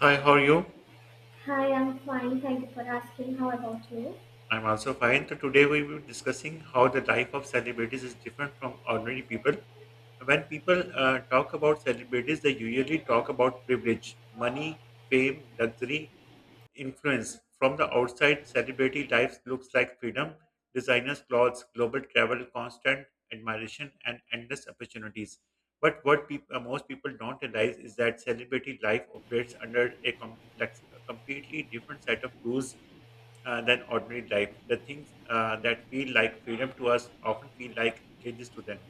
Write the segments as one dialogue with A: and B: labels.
A: Hi, how are you?
B: Hi, I'm fine. Thank you for asking. How about you?
A: I'm also fine. So today we will be discussing how the life of celebrities is different from ordinary people. When people talk about celebrities, they usually talk about privilege, money, fame, luxury, influence. From the outside, celebrity life looks like freedom, designers' clothes, global travel, constant admiration, and endless opportunities. But what peop most people don't realize is that celebrity life operates under a completely different set of rules than ordinary life. The things that feel like freedom to us often feel like cages to them.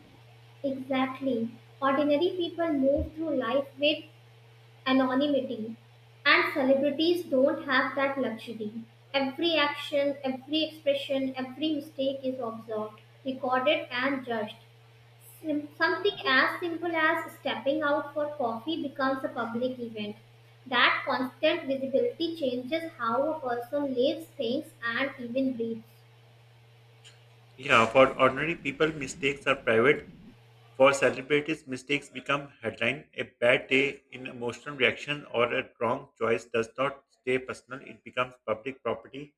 B: Exactly. Ordinary people move through life with anonymity, and celebrities don't have that luxury. Every action, every expression, every mistake is observed, recorded, and judged. Something as simple as stepping out for coffee becomes a public event. That constant visibility changes how a person lives, thinks, and even breathes.
A: Yeah, for ordinary people, mistakes are private. For celebrities, mistakes become headline. A bad day, an emotional reaction, or a wrong choice does not stay personal. It becomes public property.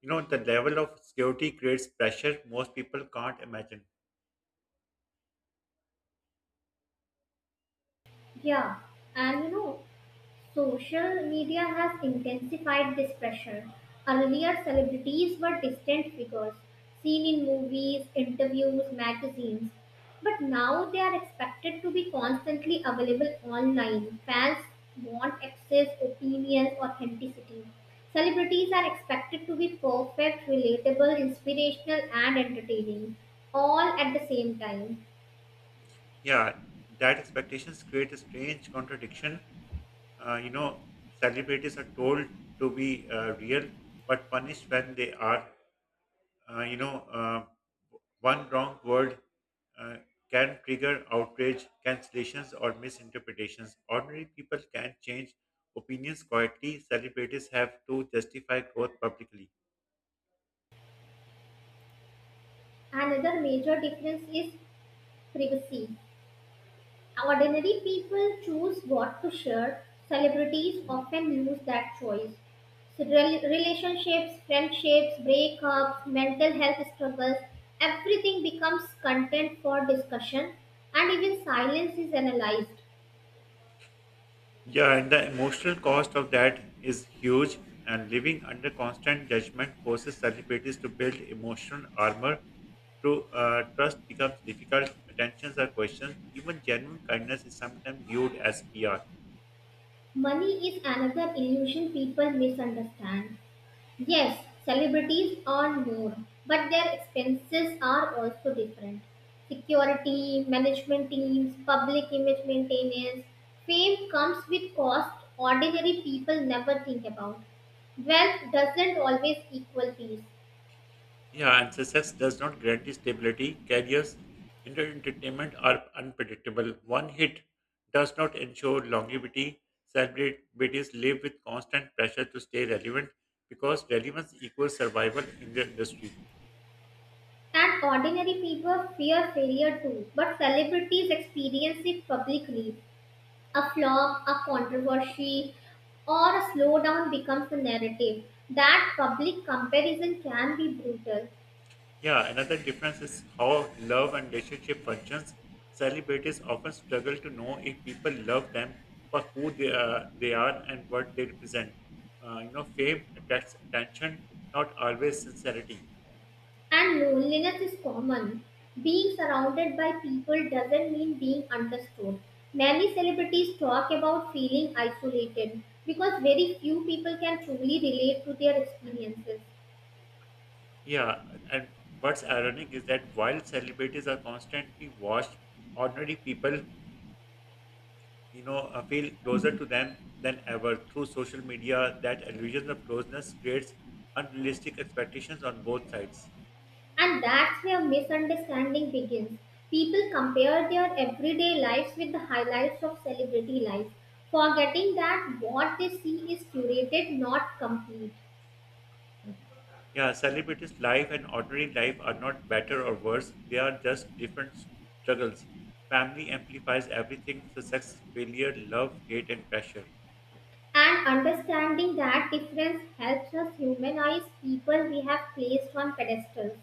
A: You know, the level of security creates pressure most people can't imagine.
B: Yeah, and you know, social media has intensified this pressure. Earlier, celebrities were distant figures, seen in movies, interviews, magazines. But now they are expected to be constantly available online. Fans want access, opinions, authenticity. Celebrities are expected to be perfect, relatable, inspirational, and entertaining, all at the same time.
A: Yeah, that expectations create a strange contradiction. Uh, you know, celebrities are told to be real, but punished when they are. Uh, you know, uh, one wrong word uh, can trigger outrage, cancellations, or misinterpretations. Ordinary people can change opinions quietly. Celebrities have to justify growth publicly.
B: Another major difference is privacy. Ordinary people choose what to share. Celebrities often lose that choice. So, relationships, friendships, breakups, mental health struggles, everything becomes content for discussion, and even silence is analyzed.
A: Yeah, and the emotional cost of that is huge. And living under constant judgment forces celebrities to build emotional armor. True, trust becomes difficult, attentions are questioned, even genuine kindness is sometimes viewed as PR.
B: Money is another illusion people misunderstand. Yes, celebrities earn more, but their expenses are also different. Security, management teams, public image maintenance, fame comes with cost ordinary people never think about. Wealth doesn't always equal peace,
A: Yeah, and success does not guarantee stability. Careers in entertainment are unpredictable. One hit does not ensure longevity. Celebrities live with constant pressure to stay relevant because relevance equals survival in the industry.
B: and ordinary people fear failure too, but celebrities experience it publicly. A flop, a controversy, or a slowdown becomes the narrative. That public comparison can be brutal,
A: Yeah, another difference is how love and relationship functions. Celebrities often struggle to know if people love them for who they are and what they represent. Fame attracts attention, not always sincerity.
B: and loneliness is common. Being surrounded by people doesn't mean being understood. Many celebrities talk about feeling isolated because very few people can truly relate to their experiences.
A: Yeah, and what's ironic is that while celebrities are constantly watched, ordinary people, feel closer to them than ever through social media. That illusion of closeness creates unrealistic expectations on both sides.
B: And that's where misunderstanding begins. People compare their everyday lives with the highlights of celebrity life, forgetting that what they see is curated, not complete.
A: Yeah, celebrities' life and ordinary life are not better or worse. They are just different struggles. Family amplifies everything success, failure, love, hate, and pressure.
B: And understanding that difference helps us humanize people we have placed on pedestals.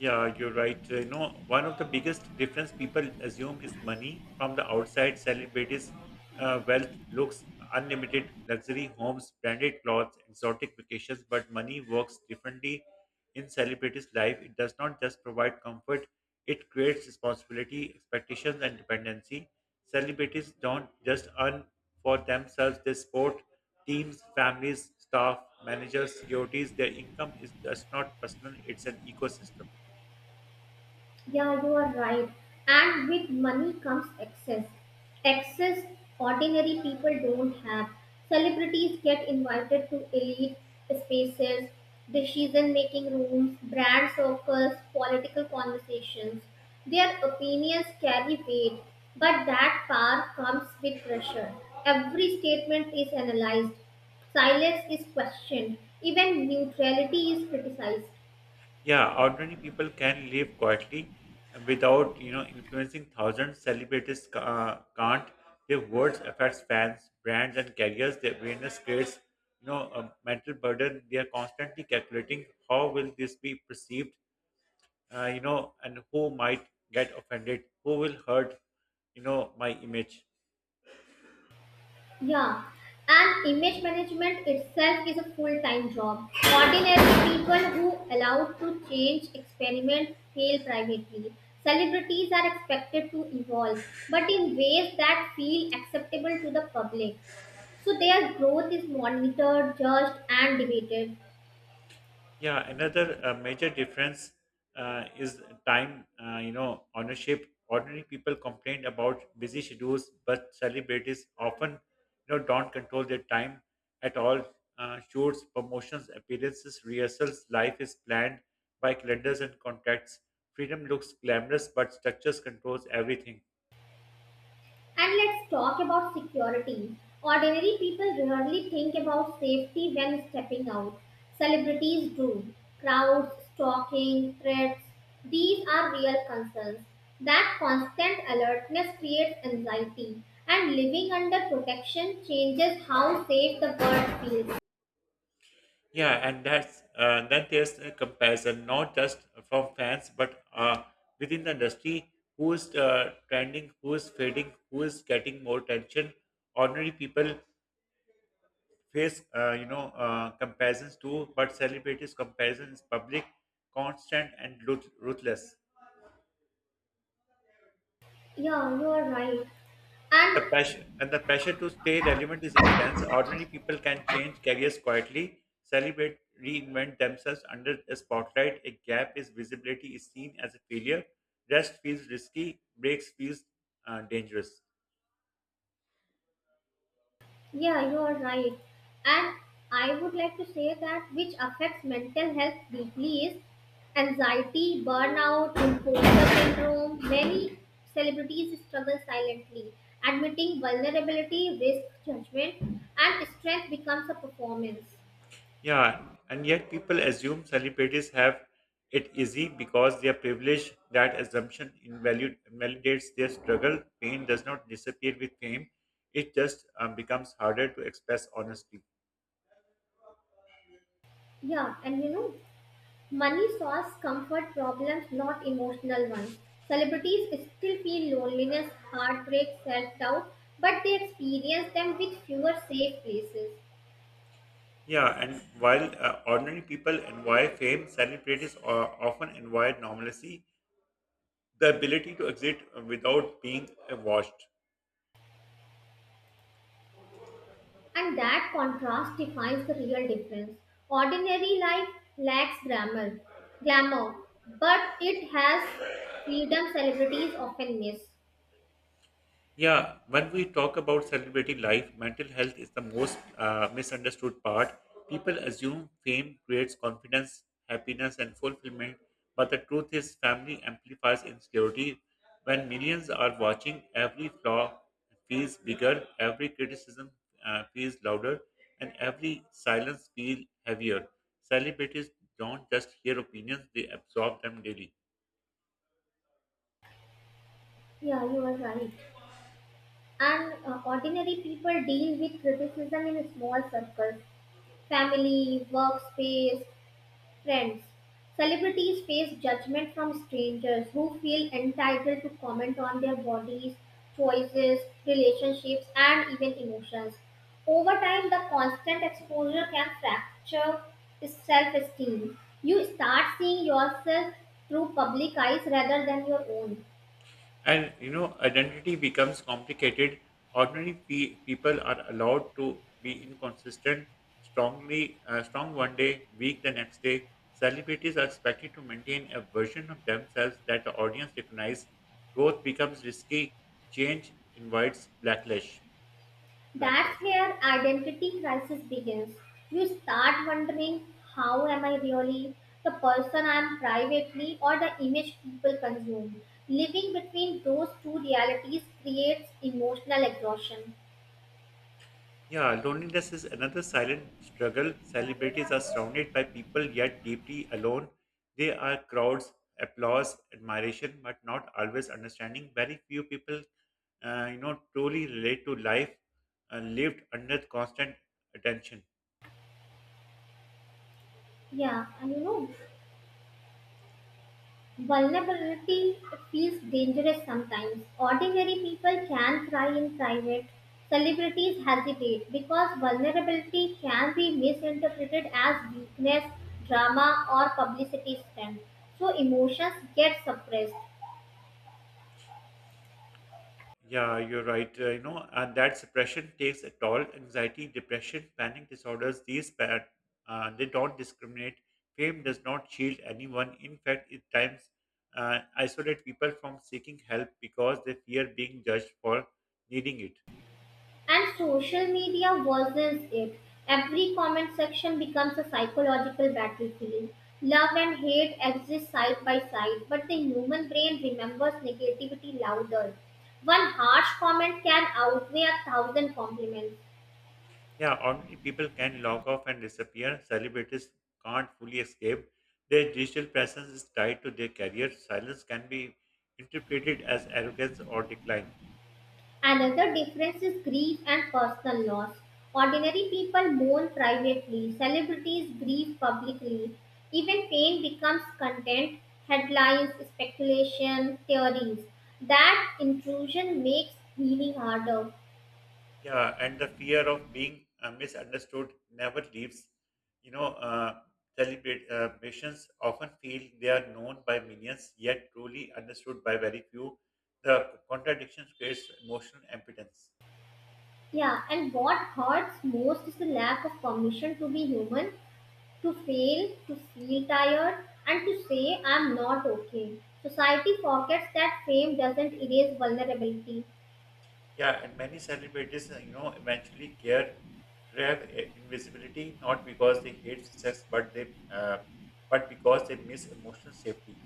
A: Yeah, you're right. One of the biggest difference people assume is money. From the outside, celebrities' wealth looks unlimited, luxury homes, branded clothes, exotic vacations, but money works differently in celebrities' life. It does not just provide comfort; it creates responsibility, expectations, and dependency. Celebrities don't just earn for themselves; they support teams, families, staff, managers, securities. Their income is just not personal; it's an ecosystem.
B: Yeah, you are right. And with money comes access. Access ordinary people don't have. Celebrities get invited to elite spaces, decision making rooms, brand circles, political conversations. Their opinions carry weight, but that power comes with pressure. Every statement is analyzed, silence is questioned, even neutrality is criticized.
A: Yeah, ordinary people can live quietly without, you know, influencing thousands. Celebrities can't. Their words affects fans, brands, and careers. Their awareness creates, you know, a mental burden. They are constantly calculating how will this be perceived, and who might get offended, who will hurt, you know, my image.
B: Yeah, and image management itself is a full-time job. Ordinary people who allowed to change, experiment, fail privately. Celebrities are expected to evolve, but in ways that feel acceptable to the public. So their growth is monitored, judged, and debated.
A: Yeah, another major difference is time. Ownership. Ordinary people complain about busy schedules, but celebrities often, don't control their time at all. Shoots, promotions, appearances, rehearsals. Life is planned by calendars and contracts. Freedom looks glamorous, but structures controls everything.
B: And let's talk about security. Ordinary people rarely think about safety when stepping out. Celebrities do. Crowds, stalking, threats, these are real concerns. That constant alertness creates anxiety, and living under protection changes how safe the world feels.
A: Yeah, and that's Then there's a comparison not just from fans but within the industry who is trending, who is fading, who is getting more attention. Ordinary people face comparisons too, but celebrities' comparison is public, constant, and ruthless.
B: Yeah, you are right.
A: The
B: And
A: pressure and the pressure to stay relevant is intense. Ordinary people can change careers quietly, celebrate, reinvent themselves under a spotlight. A gap is visibility is seen as a failure. Rest feels risky. Breaks feels dangerous.
B: yeah, you are right. And I would like to say that which affects mental health deeply is anxiety, burnout, imposter syndrome. Many celebrities struggle silently. Admitting vulnerability, risk judgment, and strength becomes a performance.
A: Yeah, and yet people assume celebrities have it easy because they are privileged. That assumption invalidates their struggle. Pain does not disappear with fame. It just becomes harder to express honestly.
B: Yeah, and you know, money solves comfort problems, not emotional ones. Celebrities still feel loneliness, heartbreak, self doubt, but they experience them with fewer safe places.
A: Yeah, and while ordinary people envy fame, celebrities often envy normalcy, the ability to exist without being watched.
B: And that contrast defines the real difference. Ordinary life lacks glamour, glamour, but it has freedom celebrities often miss.
A: Yeah, when we talk about celebrity life, mental health is the most misunderstood part. People assume fame creates confidence, happiness, and fulfillment, but the truth is, family amplifies insecurity. When millions are watching, every flaw feels bigger, every criticism feels louder, and every silence feels heavier. Celebrities don't just hear opinions, they absorb them daily.
B: Yeah, you are right. And ordinary people deal with criticism in small circles, family, workspace, friends, celebrities face judgment from strangers who feel entitled to comment on their bodies, choices, relationships, and even emotions. Over time, the constant exposure can fracture self esteem. You start seeing yourself through public eyes rather than your own.
A: And you know, identity becomes complicated. Ordinary people are allowed to be inconsistent, strong one day, weak the next day. Celebrities are expected to maintain a version of themselves that the audience recognize. Growth becomes risky. Change invites backlash.
B: That's
A: Backlash.
B: where identity crisis begins. You start wondering how am I really the person I am privately or the image people consume? Living between those two realities creates emotional exhaustion.
A: Yeah, loneliness is another silent struggle. Celebrities are surrounded by people yet deeply alone. They are crowds, applause, admiration, but not always understanding. Very few people, truly relate to life lived under constant attention.
B: Yeah, and you know, vulnerability feels dangerous sometimes. Ordinary people can cry in private. Celebrities hesitate because vulnerability can be misinterpreted as weakness, drama, or publicity stunt. So emotions get suppressed.
A: Yeah, you're right. And that suppression takes a toll. Anxiety, depression, panic disorders, these bad, they don't discriminate. Fame does not shield anyone. In fact, it times isolate people from seeking help because they fear being judged for needing it.
B: And social media worsens it. Every comment section becomes a psychological battlefield. Love and hate exist side by side, but the human brain remembers negativity louder. One harsh comment can outweigh a thousand compliments.
A: Yeah, ordinary people can log off and disappear. Celebrities can't fully escape. Their digital presence is tied to their career. Silence can be interpreted as arrogance or decline.
B: Another difference is grief and personal loss. Ordinary people mourn privately, celebrities grieve publicly. Even pain becomes content, headlines, speculation, theories. That intrusion makes healing harder.
A: Yeah, and the fear of being misunderstood never leaves. You know, celebrate Patients often feel they are known by millions, yet truly understood by very few. The contradiction creates emotional impotence.
B: Yeah, and what hurts most is the lack of permission to be human, to fail, to feel tired, and to say, I'm not okay. Society forgets that fame doesn't erase vulnerability.
A: Yeah, and many celebrities, eventually care crave invisibility not because they hate success, but because they miss emotional safety.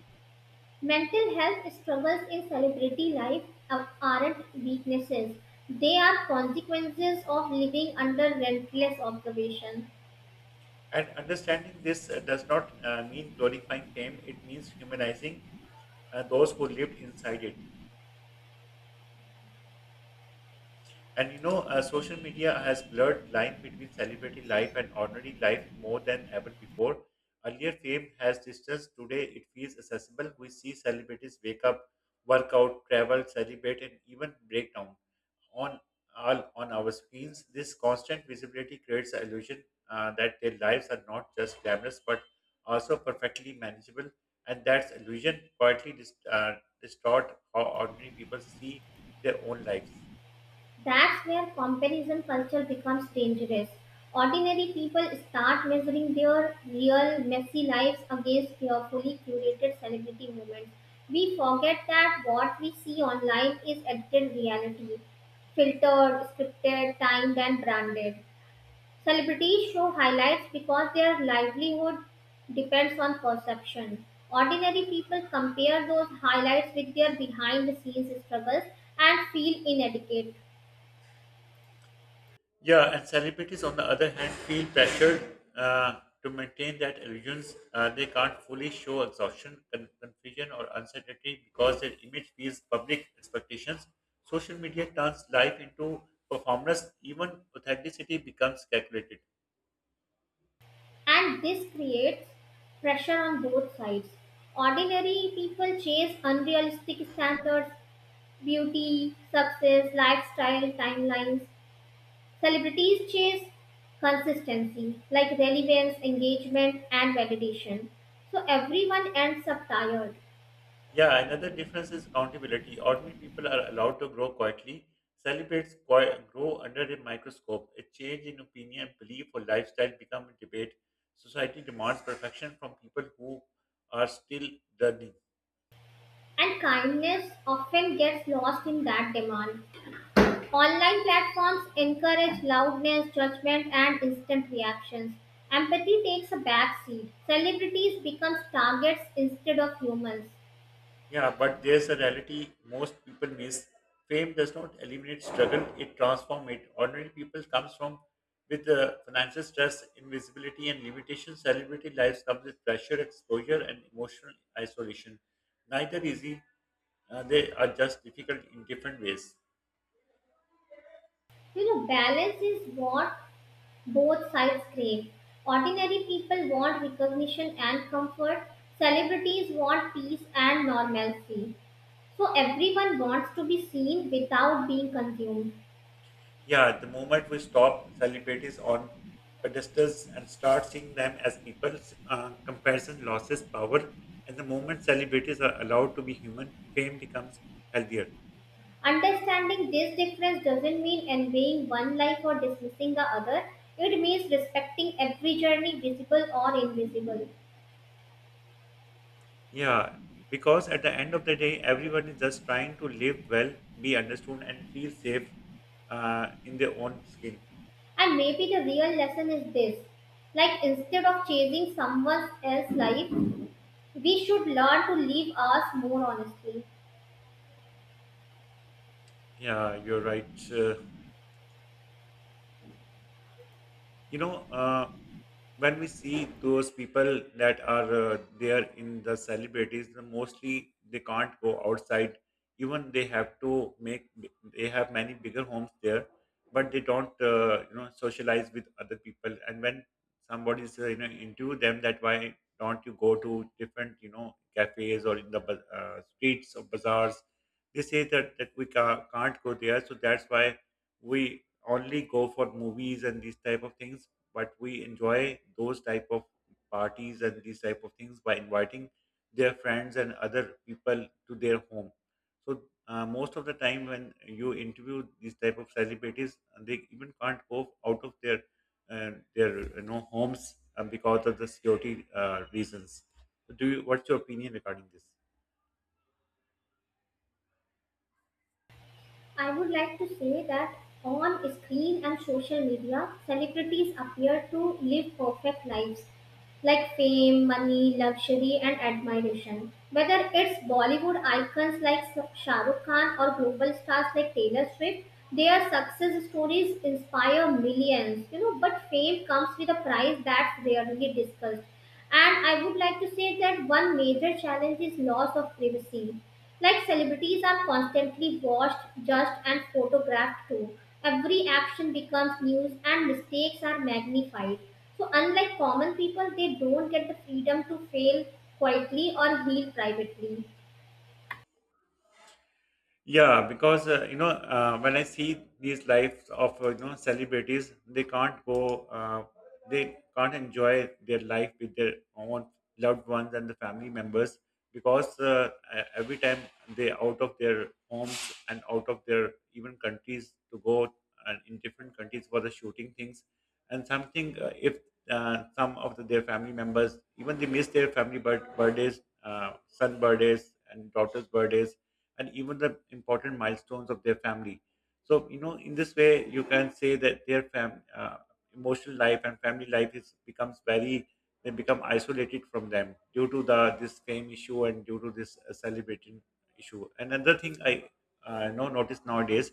B: Mental health struggles in celebrity life aren't weaknesses. They are consequences of living under relentless observation.
A: And understanding this does not mean glorifying fame; it means humanizing those who lived inside it. Social media has blurred line between celebrity life and ordinary life more than ever before. Earlier, fame has distance. Today, it feels accessible. We see celebrities wake up, work out, travel, celebrate, and even break down. On all on our screens. This constant visibility creates the illusion that their lives are not just glamorous but also perfectly manageable, and that illusion quietly distort how ordinary people see their own lives.
B: That's where comparison culture becomes dangerous. Ordinary people start measuring their real messy lives against carefully curated celebrity moments. We forget that what we see online is edited reality, filtered, scripted, timed, and branded. Celebrities show highlights because their livelihood depends on perception. Ordinary people compare those highlights with their behind the scenes struggles and feel inadequate.
A: Yeah, and celebrities, on the other hand, feel pressured to maintain that illusions. They can't fully show exhaustion, confusion, or uncertainty because their image feels public expectations. Social media turns life into performance. Even authenticity becomes calculated.
B: And this creates pressure on both sides. Ordinary people chase unrealistic standards, beauty, success, lifestyle, timelines. Celebrities chase consistency like relevance, engagement, and validation. So everyone ends up tired.
A: Yeah, another difference is accountability. Ordinary people are allowed to grow quietly, celebrate, grow under a microscope. A change in opinion, belief, or lifestyle become a debate. Society demands perfection from people who are still learning.
B: And kindness often gets lost in that demand. Online platforms encourage loudness, judgment, and instant reactions. Empathy takes a back seat. Celebrities become targets instead of humans.
A: Yeah, but there's a reality most people miss. Fame does not eliminate struggle; it transforms it. Ordinary people comes from with financial stress, invisibility, and limitations. Celebrity lives comes with pressure, exposure, and emotional isolation. Neither easy; they are just difficult in different ways.
B: You know, balance is what both sides crave. Ordinary people want recognition and comfort. Celebrities want peace and normalcy. So everyone wants to be seen without being consumed.
A: Yeah, the moment we stop celebrities on pedestals and start seeing them as people, comparison loses power. And the moment celebrities are allowed to be human, fame becomes healthier.
B: Understanding this difference doesn't mean envying one life or dismissing the other. It means respecting every journey, visible or invisible.
A: Yeah, because at the end of the day, everyone is just trying to live well, be understood, and feel safe in their own skin.
B: And maybe the real lesson is this, like, instead of chasing someone else's life, we should learn to live ours more honestly.
A: Yeah, you're right. You know uh, when we see those people that are there in the celebrities the mostly they can't go outside even they have to make they have many bigger homes there but they don't socialize with other people and when somebody's into them that why don't you go to different you know cafes or in the streets or bazaars they say that we can't go there so that's why we only go for movies and these type of things but we enjoy those type of parties and these type of things by inviting their friends and other people to their home so most of the time when you interview these type of celebrities they even can't go out of their homes because of the security reasons so do you what's your opinion regarding this?
B: I would like to say that on screen and social media, celebrities appear to live perfect lives like fame, money, luxury, and admiration. Whether it's Bollywood icons like Shah Rukh Khan or global stars like Taylor Swift, their success stories inspire millions. You know, but fame comes with a price that's rarely discussed. And I would like to say that one major challenge is loss of privacy. Like celebrities are constantly watched, judged, and photographed too. Every action becomes news and mistakes are magnified. So, unlike common people, they don't get the freedom to fail quietly or heal privately.
A: Yeah, because when I see these lives of celebrities, they can't go, they can't enjoy their life with their own loved ones and the family members because every time they out of their homes and out of their even countries to go and in different countries for the shooting things and something if some of the, their family members even they miss their family birthdays, son birthdays and daughter's birthdays and even the important milestones of their family. So, you know, in this way, you can say that their emotional life and family life is becomes very they become isolated from them due to the this fame issue and due to this celebrating issue. Another thing I know notice nowadays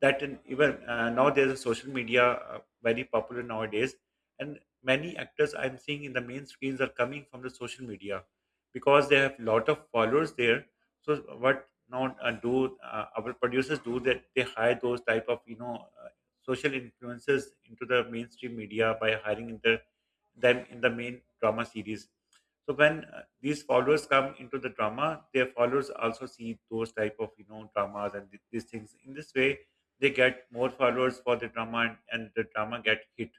A: that in, even now there's a social media very popular nowadays, and many actors I'm seeing in the main screens are coming from the social media because they have lot of followers there. So what not do our producers do that they hire those type of social influences into the mainstream media by hiring them in the main drama series. So when these followers come into the drama, their followers also see those type of dramas and these things. In this way they get more followers for the drama, and the drama get hit.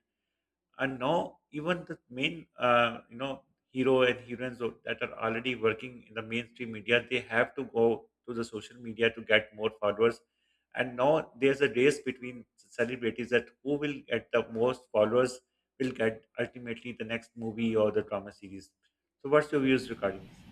A: And now even the main hero and heroines that are already working in the mainstream media, they have to go to the social media to get more followers. And now there's a race between celebrities that who will get the most followers will get ultimately the next movie or the drama series. So what's your views regarding this?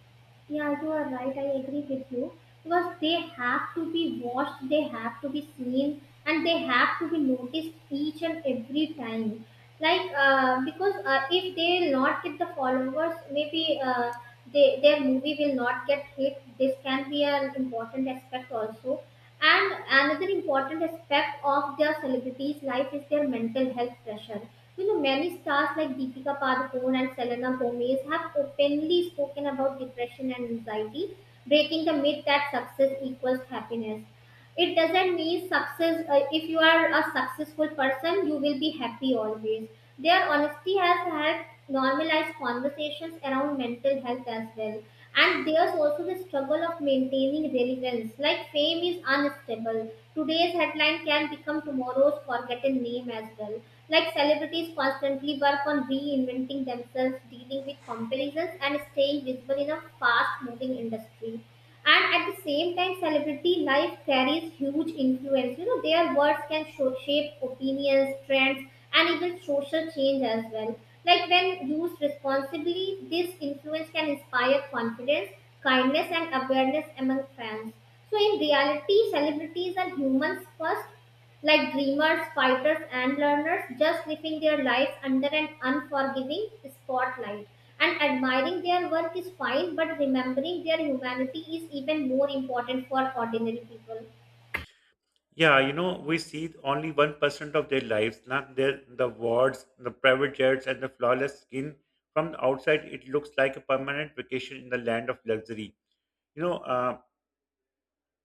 B: Yeah, you are right. I agree with you because they have to be watched, they have to be seen, and they have to be noticed each and every time. Like because if they not get the followers, maybe they, their movie will not get hit. This can be an important aspect also. And another important aspect of their celebrities' life is their mental health pressure. You know, many stars like Deepika Padukone and Selena Gomez have openly spoken about depression and anxiety, breaking the myth that success equals happiness. It doesn't mean success, if you are a successful person you will be happy always. Their honesty has helped normalize conversations around mental health as well. And there's also the struggle of maintaining relevance, like fame is unstable. Today's headline can become tomorrow's forgotten name as well. Like celebrities constantly work on reinventing themselves, dealing with comparisons and staying visible in a fast moving industry. And at the same time celebrity life carries huge influence. You know, their words can shape opinions, trends, and even social change as well. Like when used responsibly, this influence can inspire confidence, kindness and awareness among fans. So in reality celebrities are humans first, like dreamers, fighters, and learners, just living their lives under an unforgiving spotlight. And admiring their work is fine, but remembering their humanity is even more important for ordinary people.
A: Yeah, you know, we see only 1% of their lives, not their, the wards, the private jets, and the flawless skin. From the outside, it looks like a permanent vacation in the land of luxury. You know,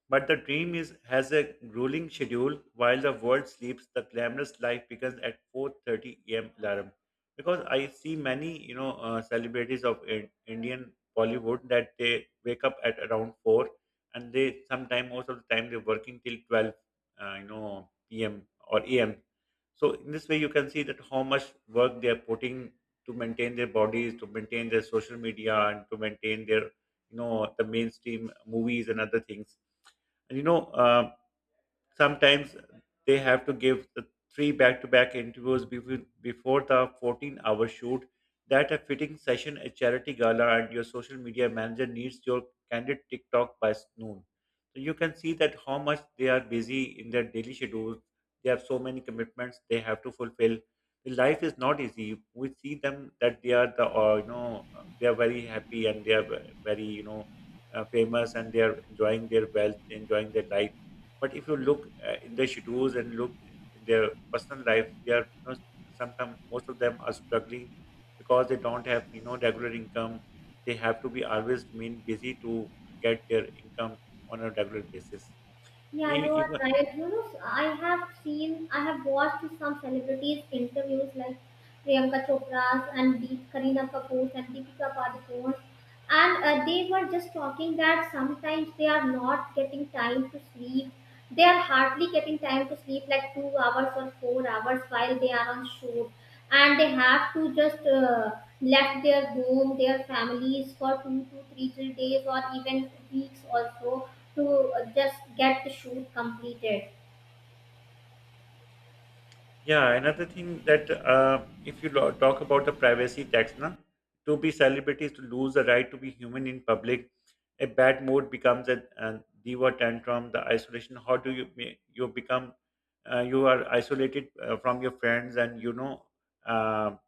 A: but the dream is has a grueling schedule. While the world sleeps, the glamorous life begins at 4:30 a.m. alarm. Because I see many, you know, celebrities of Indian Bollywood, that they wake up at around 4, and they sometime most of the time they're working till 12, p.m. or a.m. So in this way, you can see that how much work they are putting to maintain their bodies, to maintain their social media, and to maintain their, you know, the mainstream movies and other things. you know uh, Sometimes they have to give the three back-to-back interviews before the 14-hour shoot, that a fitting session, a charity gala, and your social media manager needs your candid tiktok by noon. So you can see that how much they are busy in their daily schedule. They have so many commitments they have to fulfill. The life is not easy. We see them that they are the or they are very happy and they are very, you know, famous, and they are enjoying their wealth, enjoying their life. But if you look in their schedules and look in their personal life, they are, you know, sometimes most of them are struggling because they don't have, you know, regular income. They have to be always remain busy to get their income on a regular basis. And
B: Yeah, you are
A: even.
B: right. You know, I have watched some celebrities' interviews like Priyanka Chopra's and Deep Karina Kapoor's and Deepika Padukone's, and they were just talking that sometimes they are not getting time to sleep. They are hardly getting time to sleep like 2 hours or 4 hours while they are on shoot, and they have to just left their home, their families for two to three days or even weeks also to just get the shoot completed.
A: Yeah, another thing that if you talk about the privacy tax, na, to be celebrities to lose the right to be human in public, a bad mood becomes a diva tantrum, the isolation. How do you you become? You are isolated from your friends, and you know, um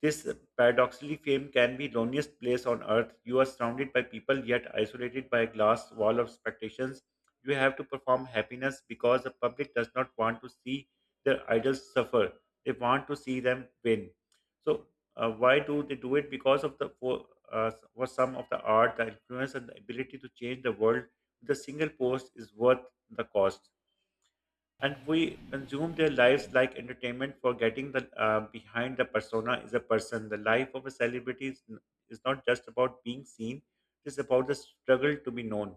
A: this paradoxically fame can be loneliest place on earth. You are surrounded by people yet isolated by a glass wall of expectations. You have to perform happiness because the public does not want to see their idols suffer. They want to see them win. So why do they do it? Because of for some of the art, the influence, and the ability to change the world with a single post is worth the cost. And we consume their lives like entertainment, forgetting that behind the persona is a person. The life of a celebrity is not just about being seen, it is about the struggle to be known.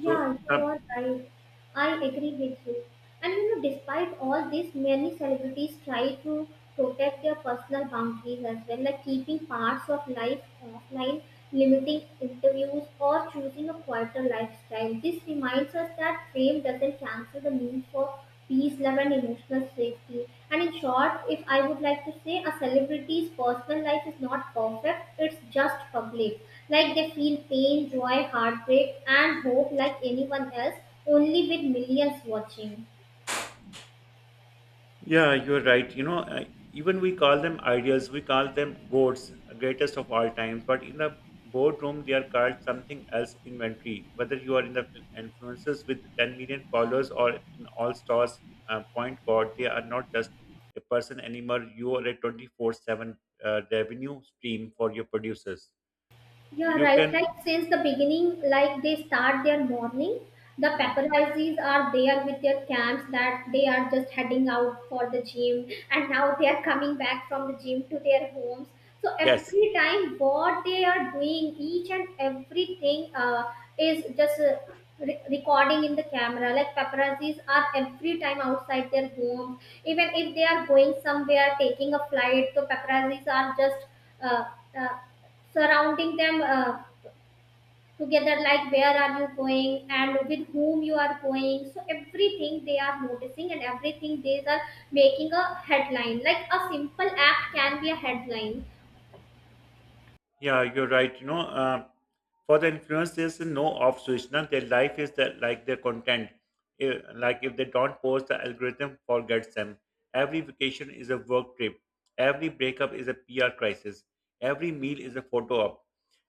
A: So
B: you
A: some.
B: are right. I agree with you. And you know, despite all this, many celebrities try to protect their personal boundaries as well, like keeping parts of life offline, limiting interviews, or choosing a quieter lifestyle. This reminds us that fame doesn't cancel the need for peace, love, and emotional safety. And in short, if I would like to say, a celebrity's personal life is not perfect, it's just public. Like they feel pain, joy, heartbreak, and hope like anyone else, only with millions watching.
A: Yeah, you're right. You know, even we call them ideals, we call them gods, greatest of all time. But in the boardroom, they are called something else, inventory. Whether you are in the influencers with 10 million followers or an all stars point god, they are not just a person anymore. You are a 24/7 revenue stream for your producers. So
B: Yeah,
A: you
B: right.
A: can.
B: Like since the beginning, like they start their morning, the
A: Hmm,
B: paparazzis are there with their camps that they are just heading out for the gym and now they are coming back from the gym to their homes. So
A: yes.
B: every time what they are doing, each and everything is just recording in the camera. Like paparazzis are every time outside their homes. Even if they are going somewhere, taking a flight, so paparazzis are just uh, uh, surrounding them, together, like where are you going and with whom you are going, so everything they are noticing and everything they are making a headline, like a simple act can be a headline.
A: Yeah, you're right. You know, for the influence, there's no off switch. Now their life is that like their content. If, like if they don't post, the algorithm forgets them. Every vacation is a work trip. Every breakup is a PR crisis. Every meal is a photo op.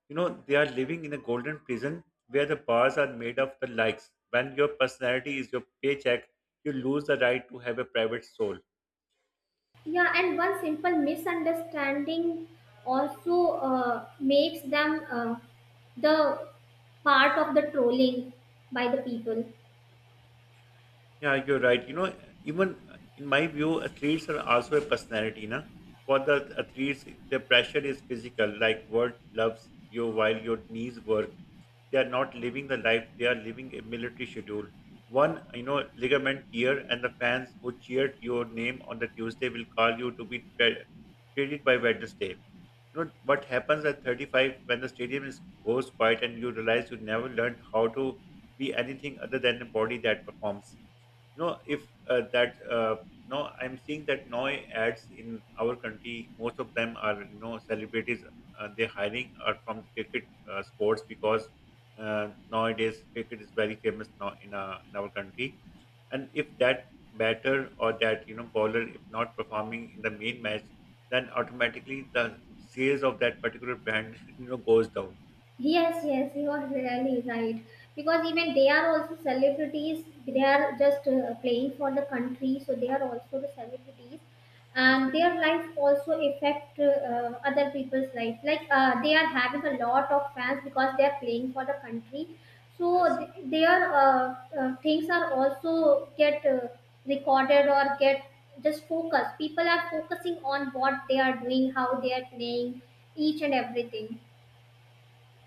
A: You know, they are living in a golden prison where the bars are made of the likes. When your personality is your paycheck, you lose the right to have a private soul.
B: Yeah, and one simple misunderstanding also makes them, the part of the trolling by the people.
A: Yeah, you're right. You know, even in my view, athletes are also a personality. Na? For the athletes, the pressure is physical, like world loves you while your knees work. They are not living the life, they are living a military schedule. One, you know, ligament tear, and the fans who cheered your name on the Tuesday will call you to be traded by Wednesday. You know what happens at 35 when the stadium is goes quiet and you realize you never learned how to be anything other than a body that performs. You know if that no I'm seeing that now ads in our country most of them are, you know, celebrities. They're hiring are from the cricket sports because nowadays cricket is very famous now in our country. And if that batter or that, you know, bowler if not performing in the main match, then automatically the sales of that particular brand you know goes down.
B: Yes, yes, you are really right. Because even they are also celebrities. They are just playing for the country, so they are also the celebrities, and
A: Hmm.
B: their life also affect, other people's life. Like they are having a lot of fans because they are playing for the country. So
A: Yes,
B: their things are also get recorded or get just focused. People are focusing on what they are doing, how they are playing, each and everything.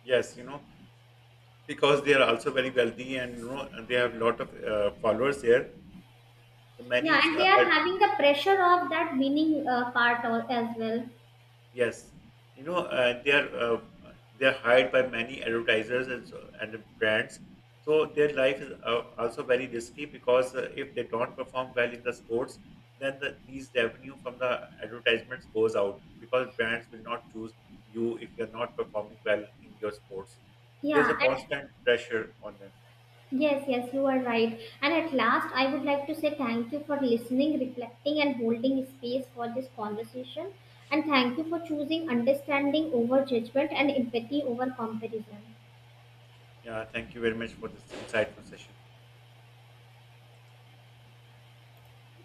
A: yes, you know, because they are also very wealthy and you know and they have a lot of followers there. So
B: Yeah,
A: many
B: and they
A: uh,
B: are having the pressure of that winning, part, as well.
A: yes. You know they are hired by many advertisers and so, and brands, so their life is also very risky because if they don't perform well in the sports, then these revenue from the advertisements goes out because brands will not choose you if you're not performing well in your sports. There's a
B: Yeah, and
A: constant pressure on them.
B: yes, yes, you are right. And at last, I would like to say thank you for listening, reflecting, and holding space for this conversation. And thank you for choosing understanding over judgment and empathy over comparison.
A: Yeah, thank you very much for this insightful session.